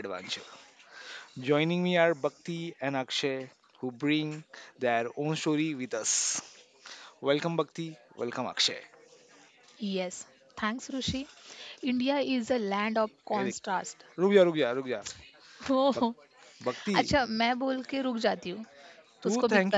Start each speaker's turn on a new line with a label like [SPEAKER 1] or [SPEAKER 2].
[SPEAKER 1] adventure. Joining me are Bhakti and Akshay, who bring their own story with us. Welcome, Bhakti. Welcome, Akshay.
[SPEAKER 2] Yes, thanks Rishi। India is a land of
[SPEAKER 1] Hey, देख,
[SPEAKER 2] contrast
[SPEAKER 1] रुक जा
[SPEAKER 2] हो
[SPEAKER 1] बक- भक्ति
[SPEAKER 2] अच्छा मैं बोल के रुक जाती हूँ,
[SPEAKER 1] तू
[SPEAKER 2] उसको भी
[SPEAKER 1] थैंक